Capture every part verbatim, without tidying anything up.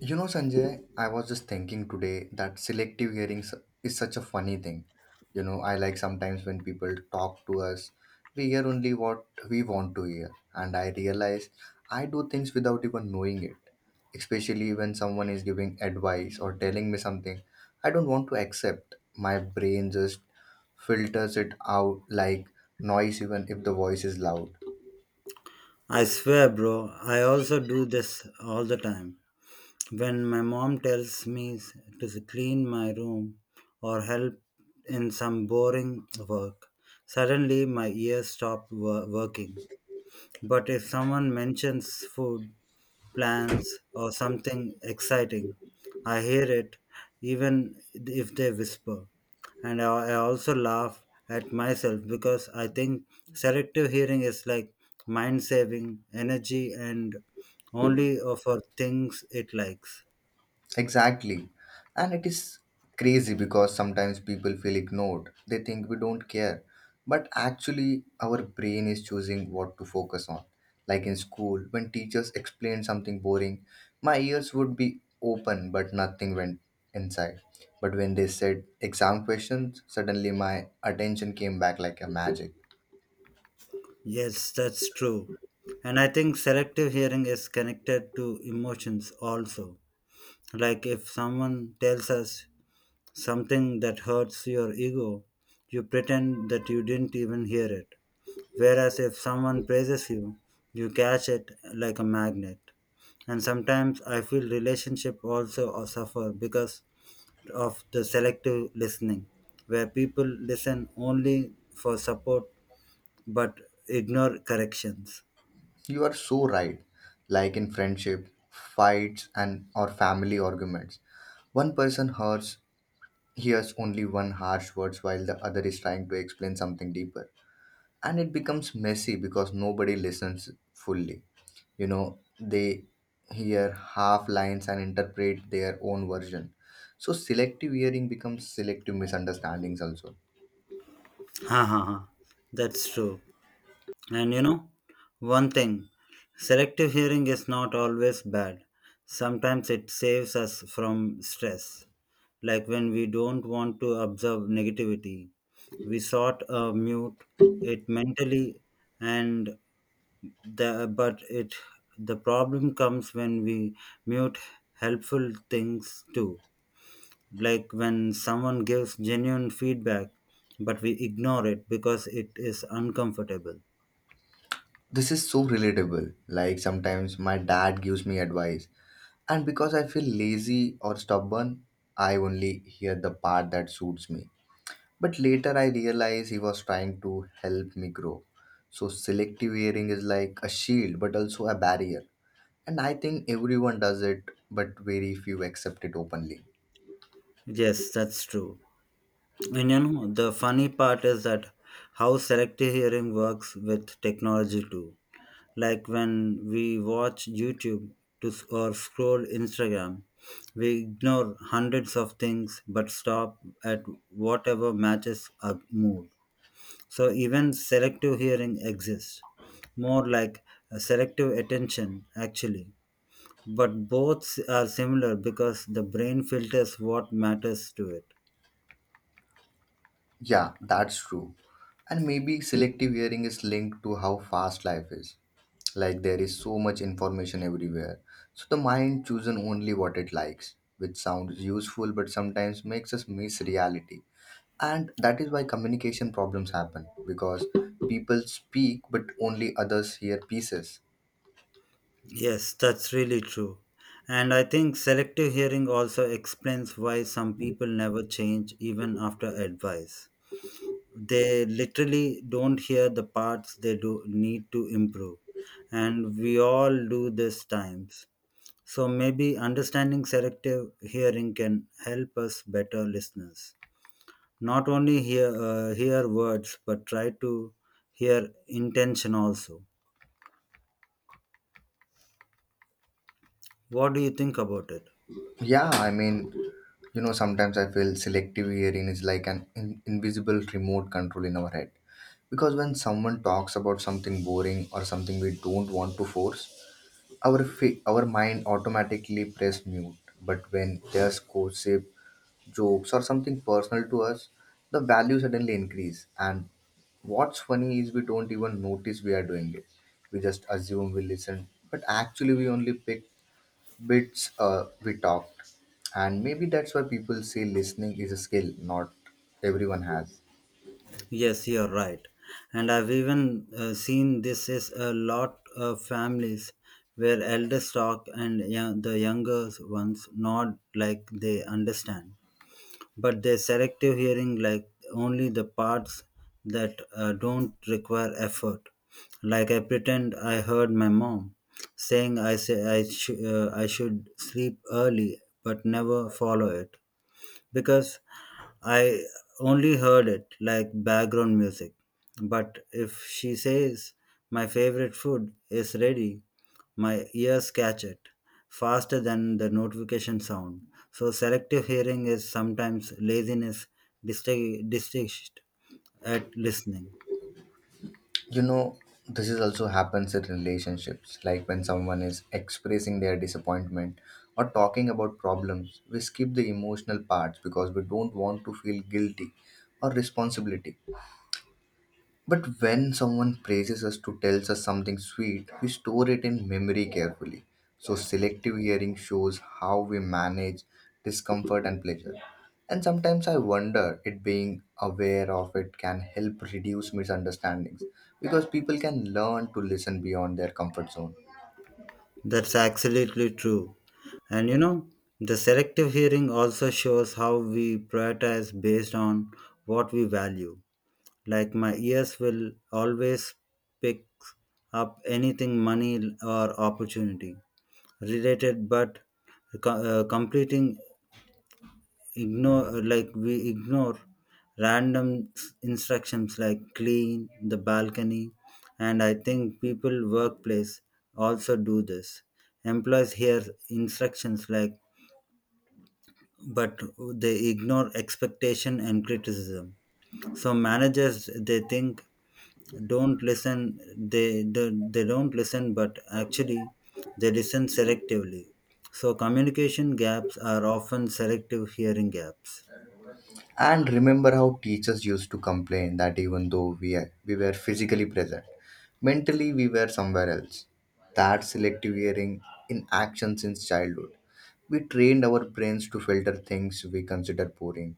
You know, Sanjay, I was just thinking today that selective hearing s- is such a funny thing. You know, I like sometimes when people talk to us, we hear only what we want to hear. And I realize I do things without even knowing it. Especially when someone is giving advice or telling me something I don't want to accept. My brain just filters it out like noise, even if the voice is loud. I swear, bro, I also do this all the time. When my mom tells me s- to s- clean my room or help in some boring work, suddenly my ears stop wo- working. But if someone mentions food plans, or something exciting. I hear it even if they whisper. And I I also laugh at myself because I think selective hearing is like mind saving energy and only for things it likes. Exactly. And it is crazy because sometimes people feel ignored. They think we don't care. But actually, our brain is choosing what to focus on. Like in school, when teachers explained something boring, my ears would be open but nothing went inside. But when they said exam questions, suddenly my attention came back like a magic. Yes, that's true. And I think selective hearing is connected to emotions also. Like if someone tells us something that hurts your ego, you pretend that you didn't even hear it. Whereas if someone praises you, you catch it like a magnet. And sometimes I feel relationship also uh, suffer because of the selective listening, where people listen only for support but ignore corrections. You are so right. Like in friendship, fights, and or family arguments, one person hurts hears only one harsh words, while the other is trying to explain something deeper, and it becomes messy because nobody listens fully. You know, they hear half lines and interpret their own version. So selective hearing becomes selective misunderstandings also. Ha ha ha. That's true. And you know, one thing selective hearing is not always bad. Sometimes it saves us from stress. Like when we don't want to observe negativity, we sort of mute it mentally and the but it the problem comes when we mute helpful things too, like when someone gives genuine feedback but we ignore it because it is uncomfortable. This is so relatable. Like sometimes my dad gives me advice, and because I feel lazy or stubborn, I only hear the part that suits me. But later I realized he was trying to help me grow. So selective hearing is like a shield but also a barrier. And I think everyone does it, but very few accept it openly. Yes, that's true. And you know, the funny part is that how selective hearing works with technology too. Like when we watch YouTube to, s- or scroll Instagram, we ignore hundreds of things but stop at whatever matches our mood. So even selective hearing exists, more like a selective attention actually. But both s- are similar because the brain filters what matters to it. Yeah, that's true. And maybe selective hearing is linked to how fast life is. Like there is so much information everywhere. So the mind chooses only what it likes, which sounds useful but sometimes makes us miss reality. And that is why communication problems happen, because people speak but only others hear pieces. Yes, that's really true. And I think selective hearing also explains why some people never change even after advice. They literally don't hear the parts they do need to improve. And we all do this times. So maybe understanding selective hearing can help us better listeners. Not only hear uh, hear words but try to hear intention also. What do you think about it? Yeah, I mean, you know, Sometimes I feel selective hearing is like an in- invisible remote control in our head. Because when someone talks about something boring or something we don't want to force, our fi- our mind automatically press mute. But when there's gossip, jokes, or something personal to us, the value suddenly increase. And what's funny is we don't even notice we are doing it. We just assume we listen, but actually we only pick bits uh, we talked. And maybe that's why people say listening is a skill not everyone has. Yes, you're right. And I've even uh, seen this is a lot of families where elders talk and young, the younger ones nod like they understand. But their selective hearing like only the parts that uh, don't require effort. Like I pretend I heard my mom saying I say I, sh- uh, I should sleep early but never follow it because I only heard it like background music. But if she says my favorite food is ready, my ears catch it faster than the notification sound. So selective hearing is sometimes laziness distig- distinguished at listening. You know, this is also happens in relationships, like when someone is expressing their disappointment or talking about problems. We skip the emotional parts because we don't want to feel guilty or responsibility. But when someone praises us to tells us something sweet, we store it in memory carefully. So selective hearing shows how we manage discomfort and pleasure. And sometimes I wonder it being aware of it can help reduce misunderstandings because people can learn to listen beyond their comfort zone. That's absolutely true. And you know, the selective hearing also shows how we prioritize based on what we value. Like my ears will always pick up anything money or opportunity related, but co- uh, completing ignore, like we ignore random instructions like clean the balcony. And I think people workplace also do this. Employees hear instructions like, but they ignore expectation and criticism. So managers they think don't listen, they, they they don't listen, but actually they listen selectively. So communication gaps are often selective hearing gaps. And remember how teachers used to complain that even though we, are, we were physically present, mentally we were somewhere else. That selective hearing in action since childhood. We trained our brains to filter things we consider boring,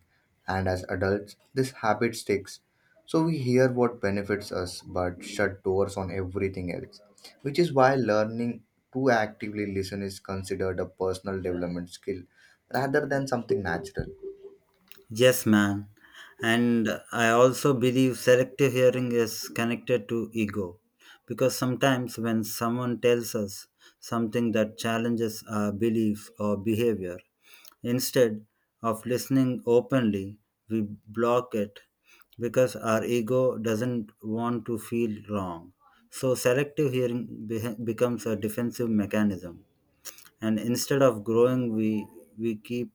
and as adults, this habit sticks. So we hear what benefits us but shut doors on everything else, which is why learning to actively listen is considered a personal development skill rather than something natural. Yes, man. And I also believe selective hearing is connected to ego because sometimes when someone tells us something that challenges our beliefs or behavior, instead of listening openly, we block it because our ego doesn't want to feel wrong. So, selective hearing be- becomes a defensive mechanism. And instead of growing, we, we keep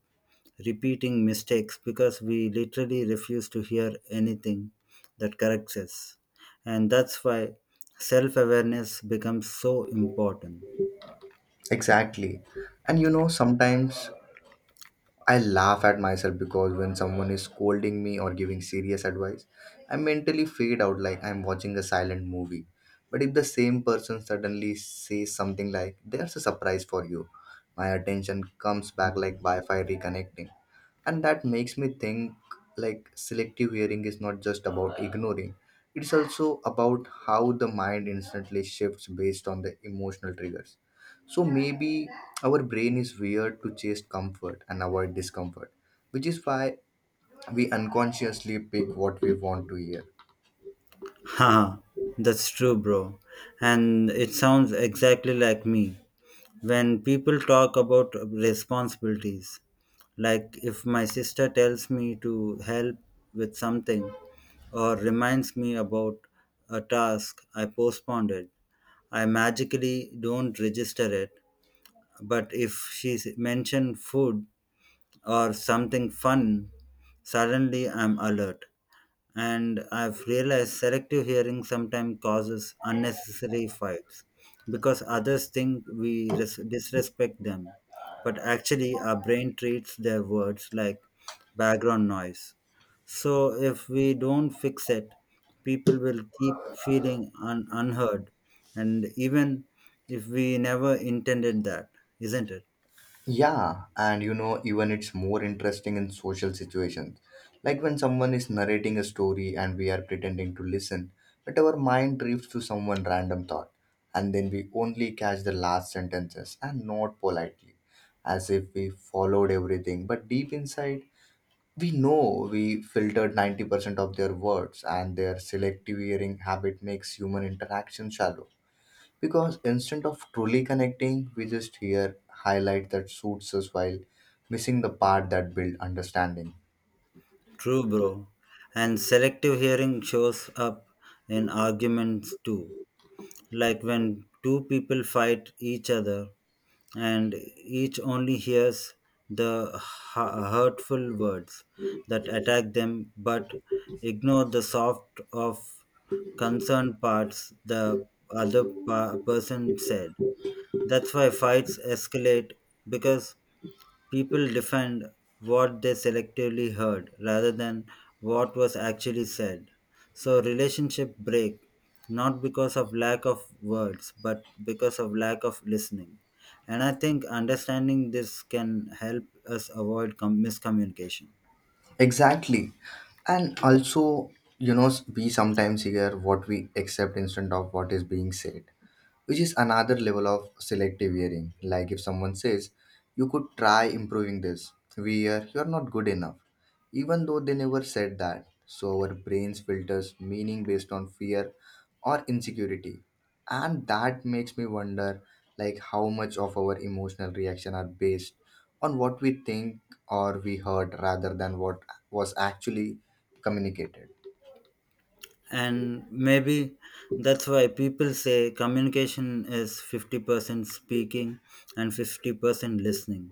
repeating mistakes because we literally refuse to hear anything that corrects us. And that's why self awareness becomes so important. Exactly. And you know, sometimes I laugh at myself because when someone is scolding me or giving serious advice, I mentally fade out like I'm watching a silent movie. But if the same person suddenly says something like, "There's a surprise for you," my attention comes back like Wi Fi reconnecting. And that makes me think like selective hearing is not just about ignoring, it's also about how the mind instantly shifts based on the emotional triggers. So maybe our brain is wired to chase comfort and avoid discomfort, which is why we unconsciously pick what we want to hear. Haha, that's true, bro. And it sounds exactly like me. When people talk about responsibilities, like if my sister tells me to help with something or reminds me about a task I postponed it, I magically don't register it. But if she mentioned food or something fun, suddenly I'm alert. And I've realized selective hearing sometimes causes unnecessary fights because others think we res- disrespect them, but actually, our brain treats their words like background noise. So, if we don't fix it, people will keep feeling un- unheard, and even if we never intended that, isn't it? Yeah, and you know, even it's more interesting in social situations. Like when someone is narrating a story and we are pretending to listen, but our mind drifts to someone random thought, and then we only catch the last sentences and not politely, as if we followed everything. But deep inside, we know we filtered ninety percent of their words, and their selective hearing habit makes human interaction shallow. Because instead of truly connecting, we just hear highlight that suits us while missing the part that build understanding. True, bro. And selective hearing shows up in arguments too, like when two people fight each other and each only hears the hu- hurtful words that attack them but ignore the soft of concerned parts the other pa- person said. That's why fights escalate because people defend what they selectively heard rather than what was actually said. So relationship break not because of lack of words but because of lack of listening. And I think understanding this can help us avoid com- miscommunication. Exactly. And also, you know, we sometimes hear what we accept instead of what is being said, which is another level of selective hearing. Like if someone says, "You could try improving this," we hear, "You're not good enough," even though they never said that. So our brains filters meaning based on fear or insecurity. And that makes me wonder like how much of our emotional reaction are based on what we think or we heard rather than what was actually communicated. And maybe that's why people say communication is fifty percent speaking and fifty percent listening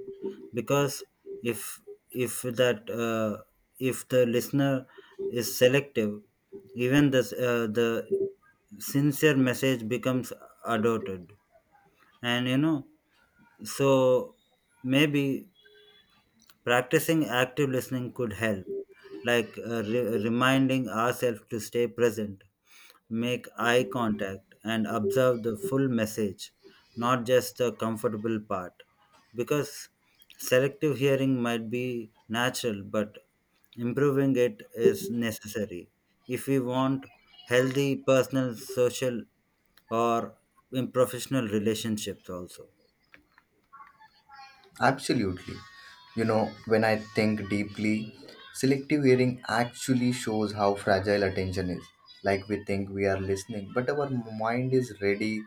because if if that uh, if the listener is selective, even the uh, the sincere message becomes adopted. And you know, so maybe practicing active listening could help, like uh, re- reminding ourselves to stay present. Make eye contact and observe the full message, not just the comfortable part. Because selective hearing might be natural, but improving it is necessary. If we want healthy personal, social, or in professional relationships, also. Absolutely. You know, when I think deeply, selective hearing actually shows how fragile attention is. Like we think we are listening, but our mind is ready,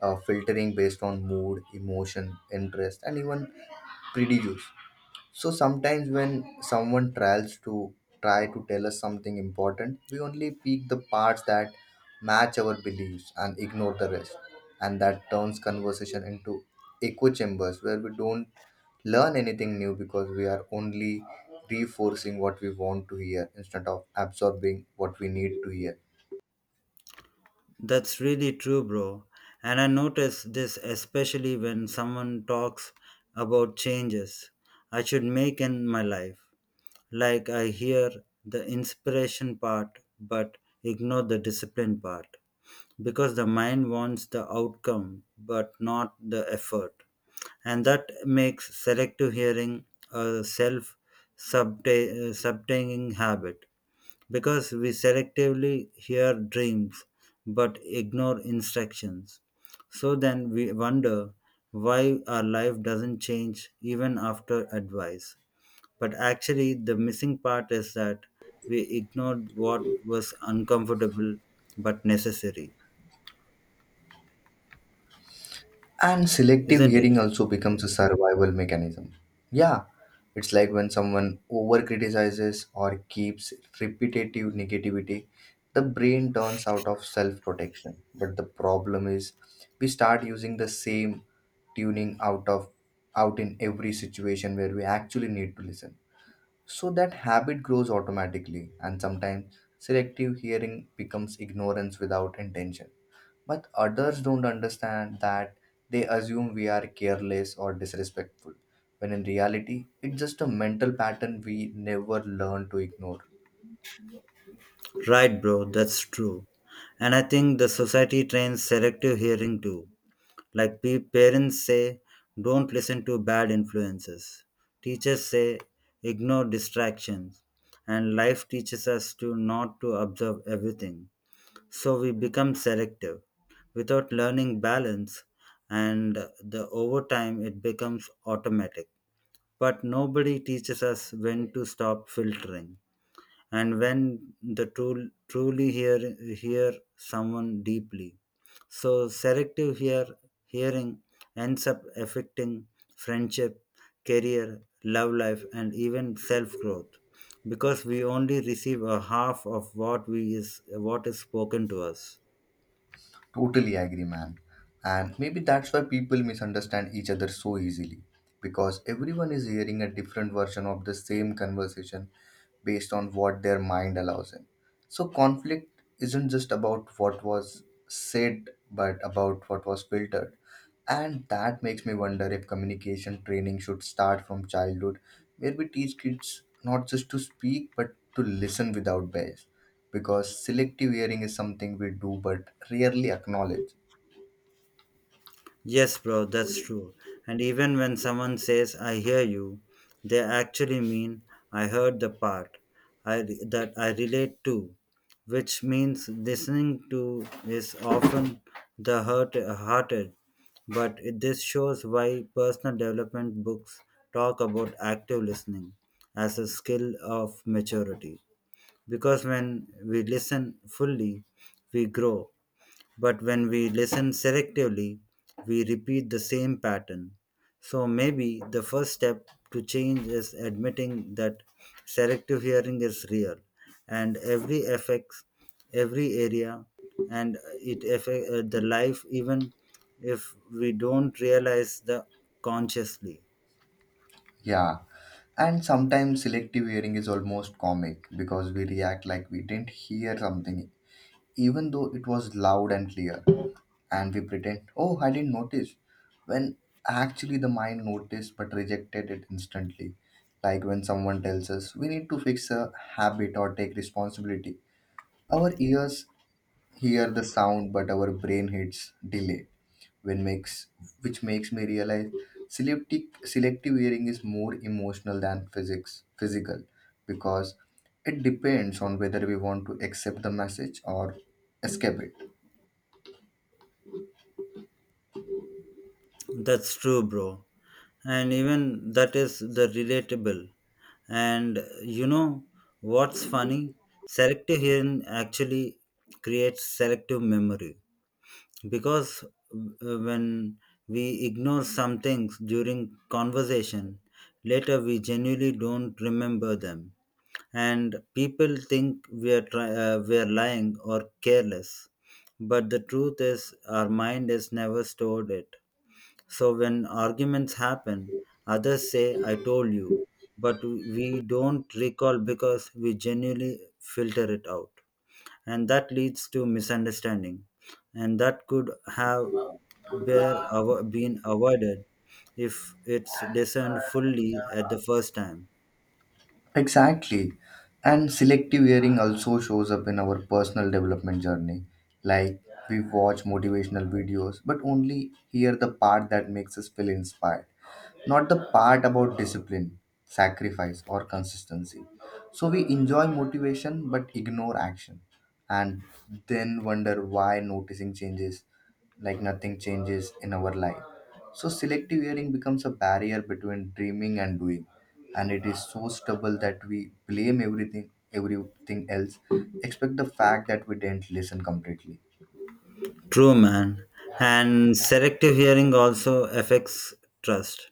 uh, filtering based on mood, emotion, interest, and even prejudice. So sometimes when someone tries to try to tell us something important, we only pick the parts that match our beliefs and ignore the rest. And that turns conversation into echo chambers where we don't learn anything new because we are only reinforcing what we want to hear instead of absorbing what we need to hear. That's really true, bro. And I notice this especially when someone talks about changes I should make in my life. Like I hear the inspiration part but ignore the discipline part because the mind wants the outcome but not the effort. And that makes selective hearing a self subtaining habit because we selectively hear dreams but ignore instructions. So then we wonder why our life doesn't change even after advice. But actually, the missing part is that we ignored what was uncomfortable but necessary, And selective isn't it? hearing also becomes a survival mechanism. Yeah, it's like when someone over criticizes or keeps repetitive negativity, the brain turns out of self protection. But the problem is, we start using the same tuning out of out in every situation where we actually need to listen. So that habit grows automatically, and sometimes selective hearing becomes ignorance without intention. But others don't understand that. They assume we are careless or disrespectful, when in reality, it's just a mental pattern we never learn to ignore. Right, bro, that's true. And I think the society trains selective hearing too. Like pe- parents say, don't listen to bad influences. Teachers say, ignore distractions. And life teaches us to not to observe everything. So we become selective without learning balance, and the over time it becomes automatic. But nobody teaches us when to stop filtering and when the tool truly hear hear someone deeply. So selective hear hearing ends up affecting friendship, career, love life, and even self growth because we only receive a half of what we is what is spoken to us. Totally agree, man. And maybe that's why people misunderstand each other so easily, because everyone is hearing a different version of the same conversation based on what their mind allows in. So conflict isn't just about what was said, but about what was filtered. And that makes me wonder if communication training should start from childhood, where we teach kids not just to speak but to listen without bias, because selective hearing is something we do but rarely acknowledge. Yes, bro, that's true. And even when someone says, I hear you, they actually mean, I heard the part I, re- that I relate to, which means listening to is often the hurt, hearted. But it- this shows why personal development books talk about active listening as a skill of maturity. Because when we listen fully, we grow, but when we listen selectively, we repeat the same pattern. So maybe the first step to change is admitting that selective hearing is real and every affects every area, and it affects the life even if we don't realize the consciously. Yeah, and sometimes selective hearing is almost comic because we react like we didn't hear something, even though it was loud and clear, and we pretend, "Oh, I didn't notice," when actually the mind noticed but rejected it instantly. Like when someone tells us we need to fix a habit or take responsibility, our ears hear the sound but our brain hits delay, when makes which makes me realize selective selective hearing is more emotional than physics physical, because it depends on whether we want to accept the message or escape it. That's true, bro. And even that is the relatable. And you know what's funny? Selective hearing actually creates selective memory because uh, when we ignore some things during conversation, later we genuinely don't remember them. And people think we are try- uh, we are lying or careless, but the truth is our mind has never stored it. So when arguments happen, others say, I told you, but we don't recall because we genuinely filter it out. And that leads to misunderstanding. And that could have bear avo- been avoided if it's discerned fully at the first time. Exactly. And selective hearing also shows up in our personal development journey. Like we watch motivational videos, but only hear the part that makes us feel inspired, not the part about discipline, sacrifice, or consistency. So we enjoy motivation but ignore action, and then wonder why noticing changes like nothing changes in our life. So selective hearing becomes a barrier between dreaming and doing, and it is so stubborn that we blame everything everything else except the fact that we didn't listen completely. True, man. And selective hearing also affects trust.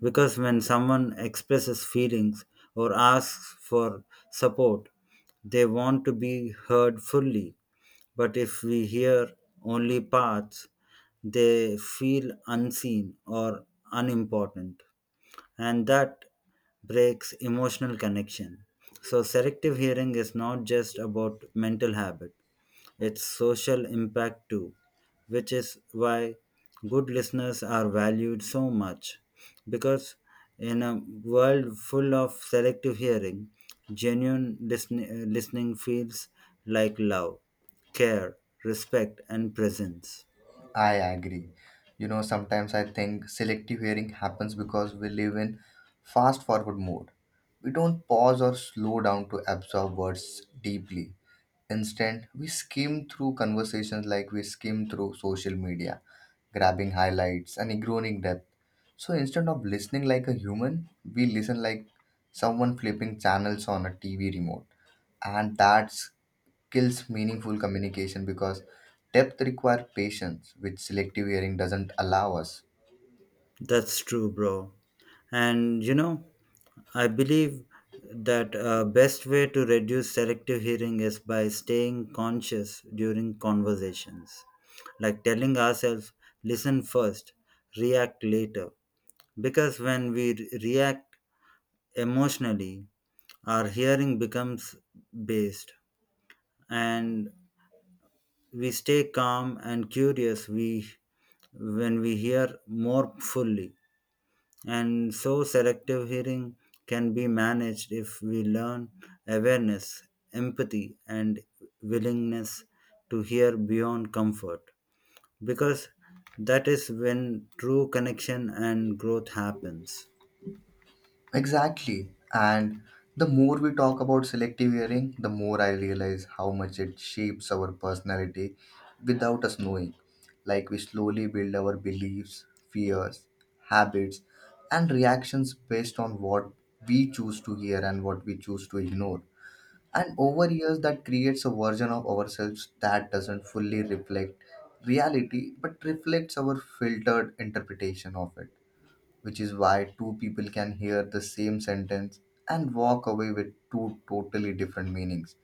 Because when someone expresses feelings or asks for support, they want to be heard fully. But if we hear only parts, they feel unseen or unimportant. And that breaks emotional connection. So, selective hearing is not just about mental habit, its social impact too, which is why good listeners are valued so much. Because in a world full of selective hearing, genuine listen- listening feels like love, care, respect, and presence. I agree. You know, sometimes I think selective hearing happens because we live in fast forward mode. We don't pause or slow down to absorb words deeply. Instead, we skim through conversations like we skim through social media, grabbing highlights and ignoring depth. So instead of listening like a human, we listen like someone flipping channels on a T V remote. And that's kills meaningful communication, because depth requires patience, which selective hearing doesn't allow us. That's true, bro. And you know, I believe that uh, best way to reduce selective hearing is by staying conscious during conversations, like telling ourselves, listen first, react later. Because when we re- react emotionally, our hearing becomes based, and we stay calm and curious we when we hear more fully. And so selective hearing can be managed if we learn awareness, empathy, and willingness to hear beyond comfort because that is when true connection and growth happens. Exactly. And the more we talk about selective hearing, the more I realize how much it shapes our personality without us knowing. Like we slowly build our beliefs, fears, habits, and reactions based on what we choose to hear and what we choose to ignore. And over years, that creates a version of ourselves that doesn't fully reflect reality but reflects our filtered interpretation of it, which is why two people can hear the same sentence and walk away with two totally different meanings,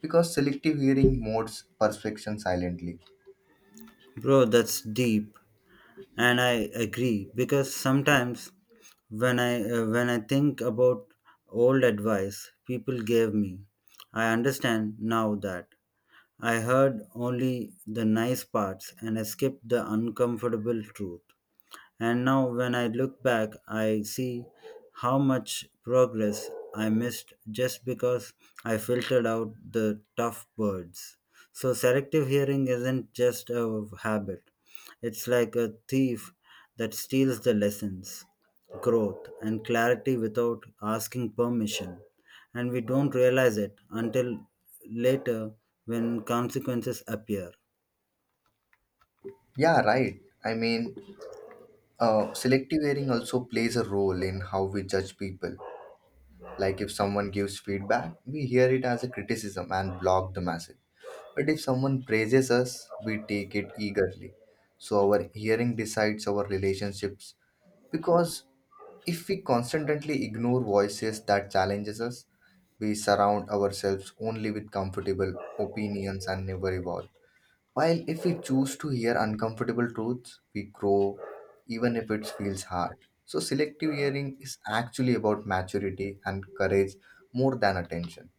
because selective hearing modes perception silently. Bro, that's deep. And I agree because sometimes when i uh, when I think about old advice people gave me, I understand now that I heard only the nice parts and I skipped the uncomfortable truth. And now, when I look back, I see how much progress I missed just because I filtered out the tough words. So, selective hearing isn't just a habit, it's like a thief that steals the lessons, growth, and clarity without asking permission. And we don't realize it until later when consequences appear. Yeah, right. I mean, uh, selective hearing also plays a role in how we judge people. Like if someone gives feedback, we hear it as a criticism and block the message. But if someone praises us, we take it eagerly. So our hearing decides our relationships, because if we constantly ignore voices that challenges us, we surround ourselves only with comfortable opinions and never evolve. While if we choose to hear uncomfortable truths, we grow even if it feels hard. So selective hearing is actually about maturity and courage more than attention.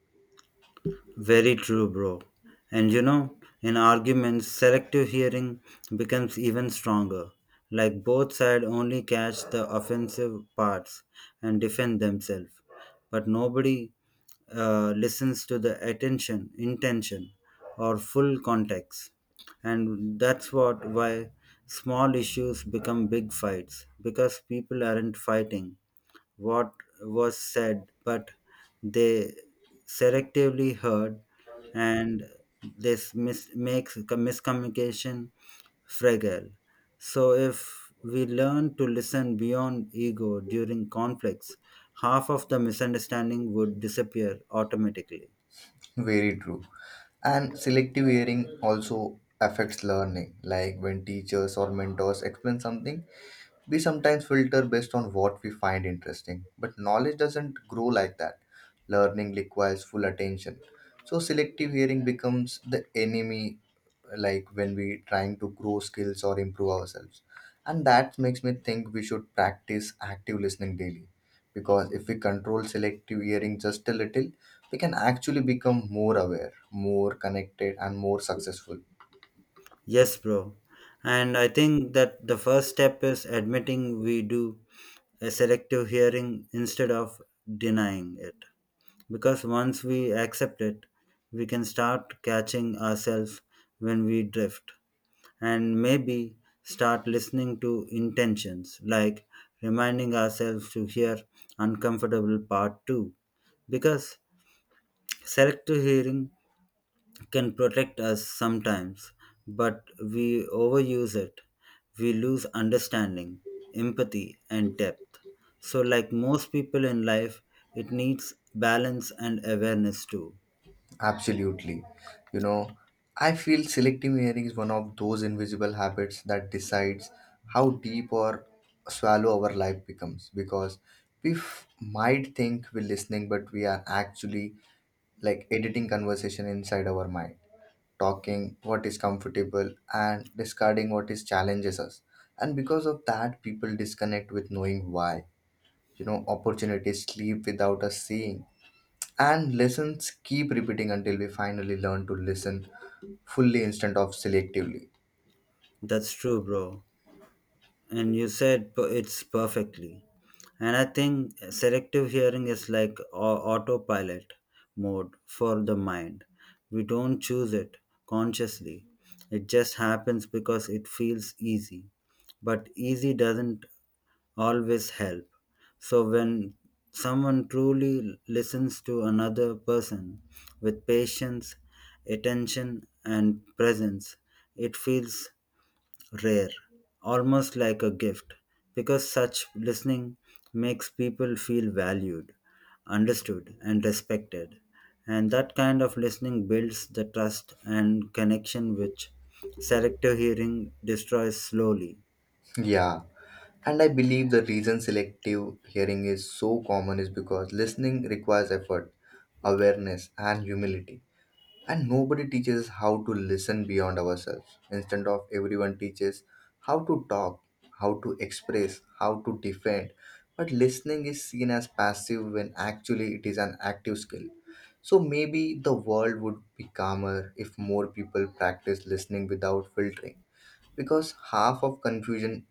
Very true, bro. And you know, in arguments, selective hearing becomes even stronger. Like both sides only catch the offensive parts and defend themselves, but nobody uh, listens to the attention, intention, or full context. And that's what why small issues become big fights because people aren't fighting; what was said, but they selectively heard, and this mis- makes com- miscommunication fragile. So, if we learn to listen beyond ego during conflicts, half of the misunderstanding would disappear automatically. Very true. And selective hearing also affects learning. Like when teachers or mentors explain something, we sometimes filter based on what we find interesting. But knowledge doesn't grow like that. Learning requires full attention. So selective hearing becomes the enemy, like when we trying to grow skills or improve ourselves, and that makes me think we should practice active listening daily, because if we control selective hearing just a little, we can actually become more aware, more connected, and more successful. Yes, bro. And I think that the first step is admitting we do a selective hearing instead of denying it. Because once we accept it, we can start catching ourselves when we drift, and maybe start listening to intentions, like reminding ourselves to hear uncomfortable part too. Because selective hearing can protect us sometimes, but we overuse it. We lose understanding, empathy, and depth. So, like most people in life, it needs balance and awareness too. Absolutely. You know, I feel selective hearing is one of those invisible habits that decides how deep or swallow our life becomes, because we f- might think we're listening but we are actually like editing conversation inside our mind, talking what is comfortable and discarding what is challenges us. And because of that, people disconnect with knowing why. You know, opportunities sleep without us seeing, and lessons keep repeating until we finally learn to listen fully instead of selectively. That's true, bro. And you said p- it's perfectly. And I think selective hearing is like au- autopilot mode for the mind. We don't choose it consciously, it just happens because it feels easy. But easy doesn't always help. So when someone truly listens to another person with patience, attention, and presence, it feels rare, almost like a gift, because such listening makes people feel valued, understood, and respected. And that kind of listening builds the trust and connection which selective hearing destroys slowly. Yeah, and I believe the reason selective hearing is so common is because listening requires effort, awareness, and humility. And nobody teaches us how to listen beyond ourselves. Instead of everyone teaches how to talk, how to express, how to defend. But listening is seen as passive when actually it is an active skill. So maybe the world would be calmer if more people practice listening without filtering. Because half of confusion,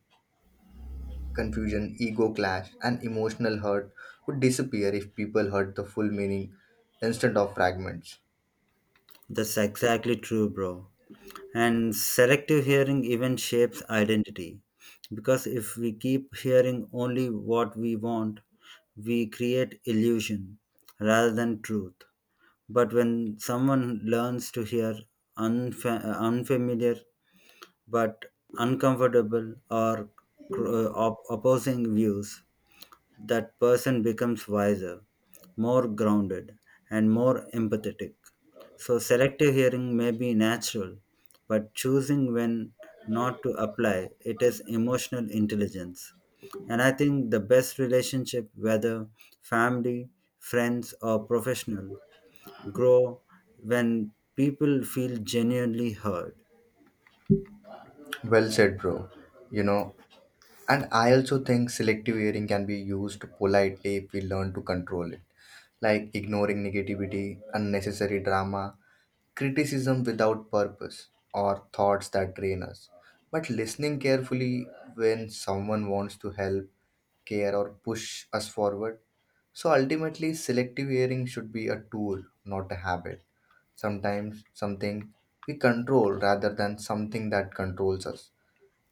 confusion, ego clash, and emotional hurt would disappear if people heard the full meaning instead of fragments. That's exactly true, bro. And selective hearing even shapes identity. Because if we keep hearing only what we want, we create illusion rather than truth. But when someone learns to hear unfa- unfamiliar but uncomfortable or cr- uh, op- opposing views, that person becomes wiser, more grounded, and more empathetic. So, selective hearing may be natural, but choosing when not to apply it is emotional intelligence. And I think the best relationship, whether family, friends, or professional, grow when people feel genuinely heard. Well said, bro. You know, And I also think selective hearing can be used politely if we learn to control it, like ignoring negativity, unnecessary drama, criticism without purpose, or thoughts that drain us. But listening carefully when someone wants to help, care, or push us forward. So ultimately, selective hearing should be a tool, not a habit. Sometimes something we control rather than something that controls us.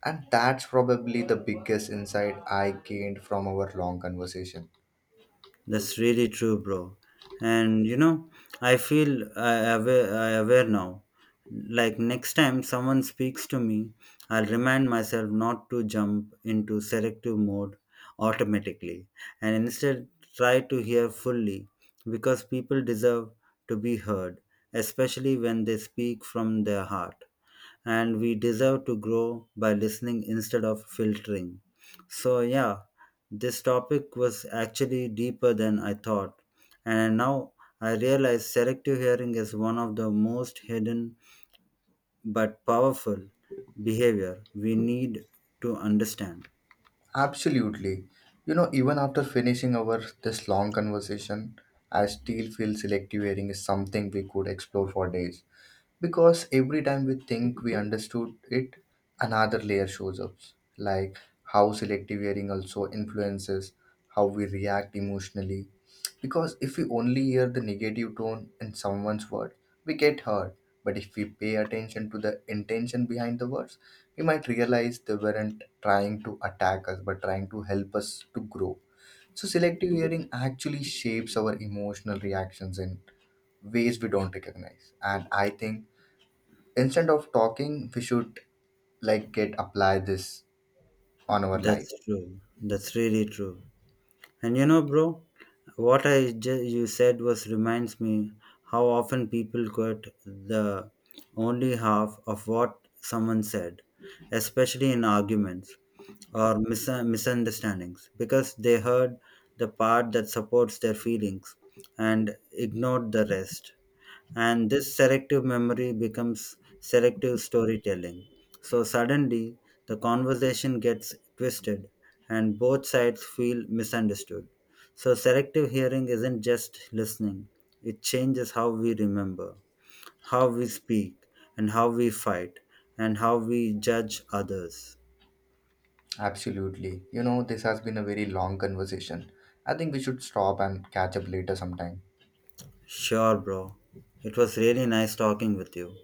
And that's probably the biggest insight I gained from our long conversation. That's really true, bro. And you know, I feel uh, aware, I aware now. Like next time someone speaks to me, I'll remind myself not to jump into selective mode automatically and instead try to hear fully because people deserve to be heard, especially when they speak from their heart. And we deserve to grow by listening instead of filtering. So, yeah, this topic was actually deeper than I thought, and now I realize selective hearing is one of the most hidden but powerful behavior we need to understand. Absolutely. You know, even after finishing our this long conversation, I still feel selective hearing is something we could explore for days. Because every time we think we understood it, another layer shows up. Like how selective hearing also influences how we react emotionally. Because if we only hear the negative tone in someone's word, we get hurt. But if we pay attention to the intention behind the words, we might realize they weren't trying to attack us but trying to help us to grow. So selective hearing actually shapes our emotional reactions in ways we don't recognize. And I think instead of talking we should like get apply this on our life. That's true, that's really true. And you know, bro, what I ju- you said was reminds me how often people quote the only half of what someone said, especially in arguments or mis- misunderstandings, because they heard the part that supports their feelings and ignored the rest, and this selective memory becomes selective storytelling. So suddenly, the conversation gets twisted and both sides feel misunderstood. So, selective hearing isn't just listening, it changes how we remember, how we speak, and how we fight, and how we judge others. Absolutely. You know, this has been a very long conversation. I think we should stop and catch up later sometime. Sure, bro. It was really nice talking with you.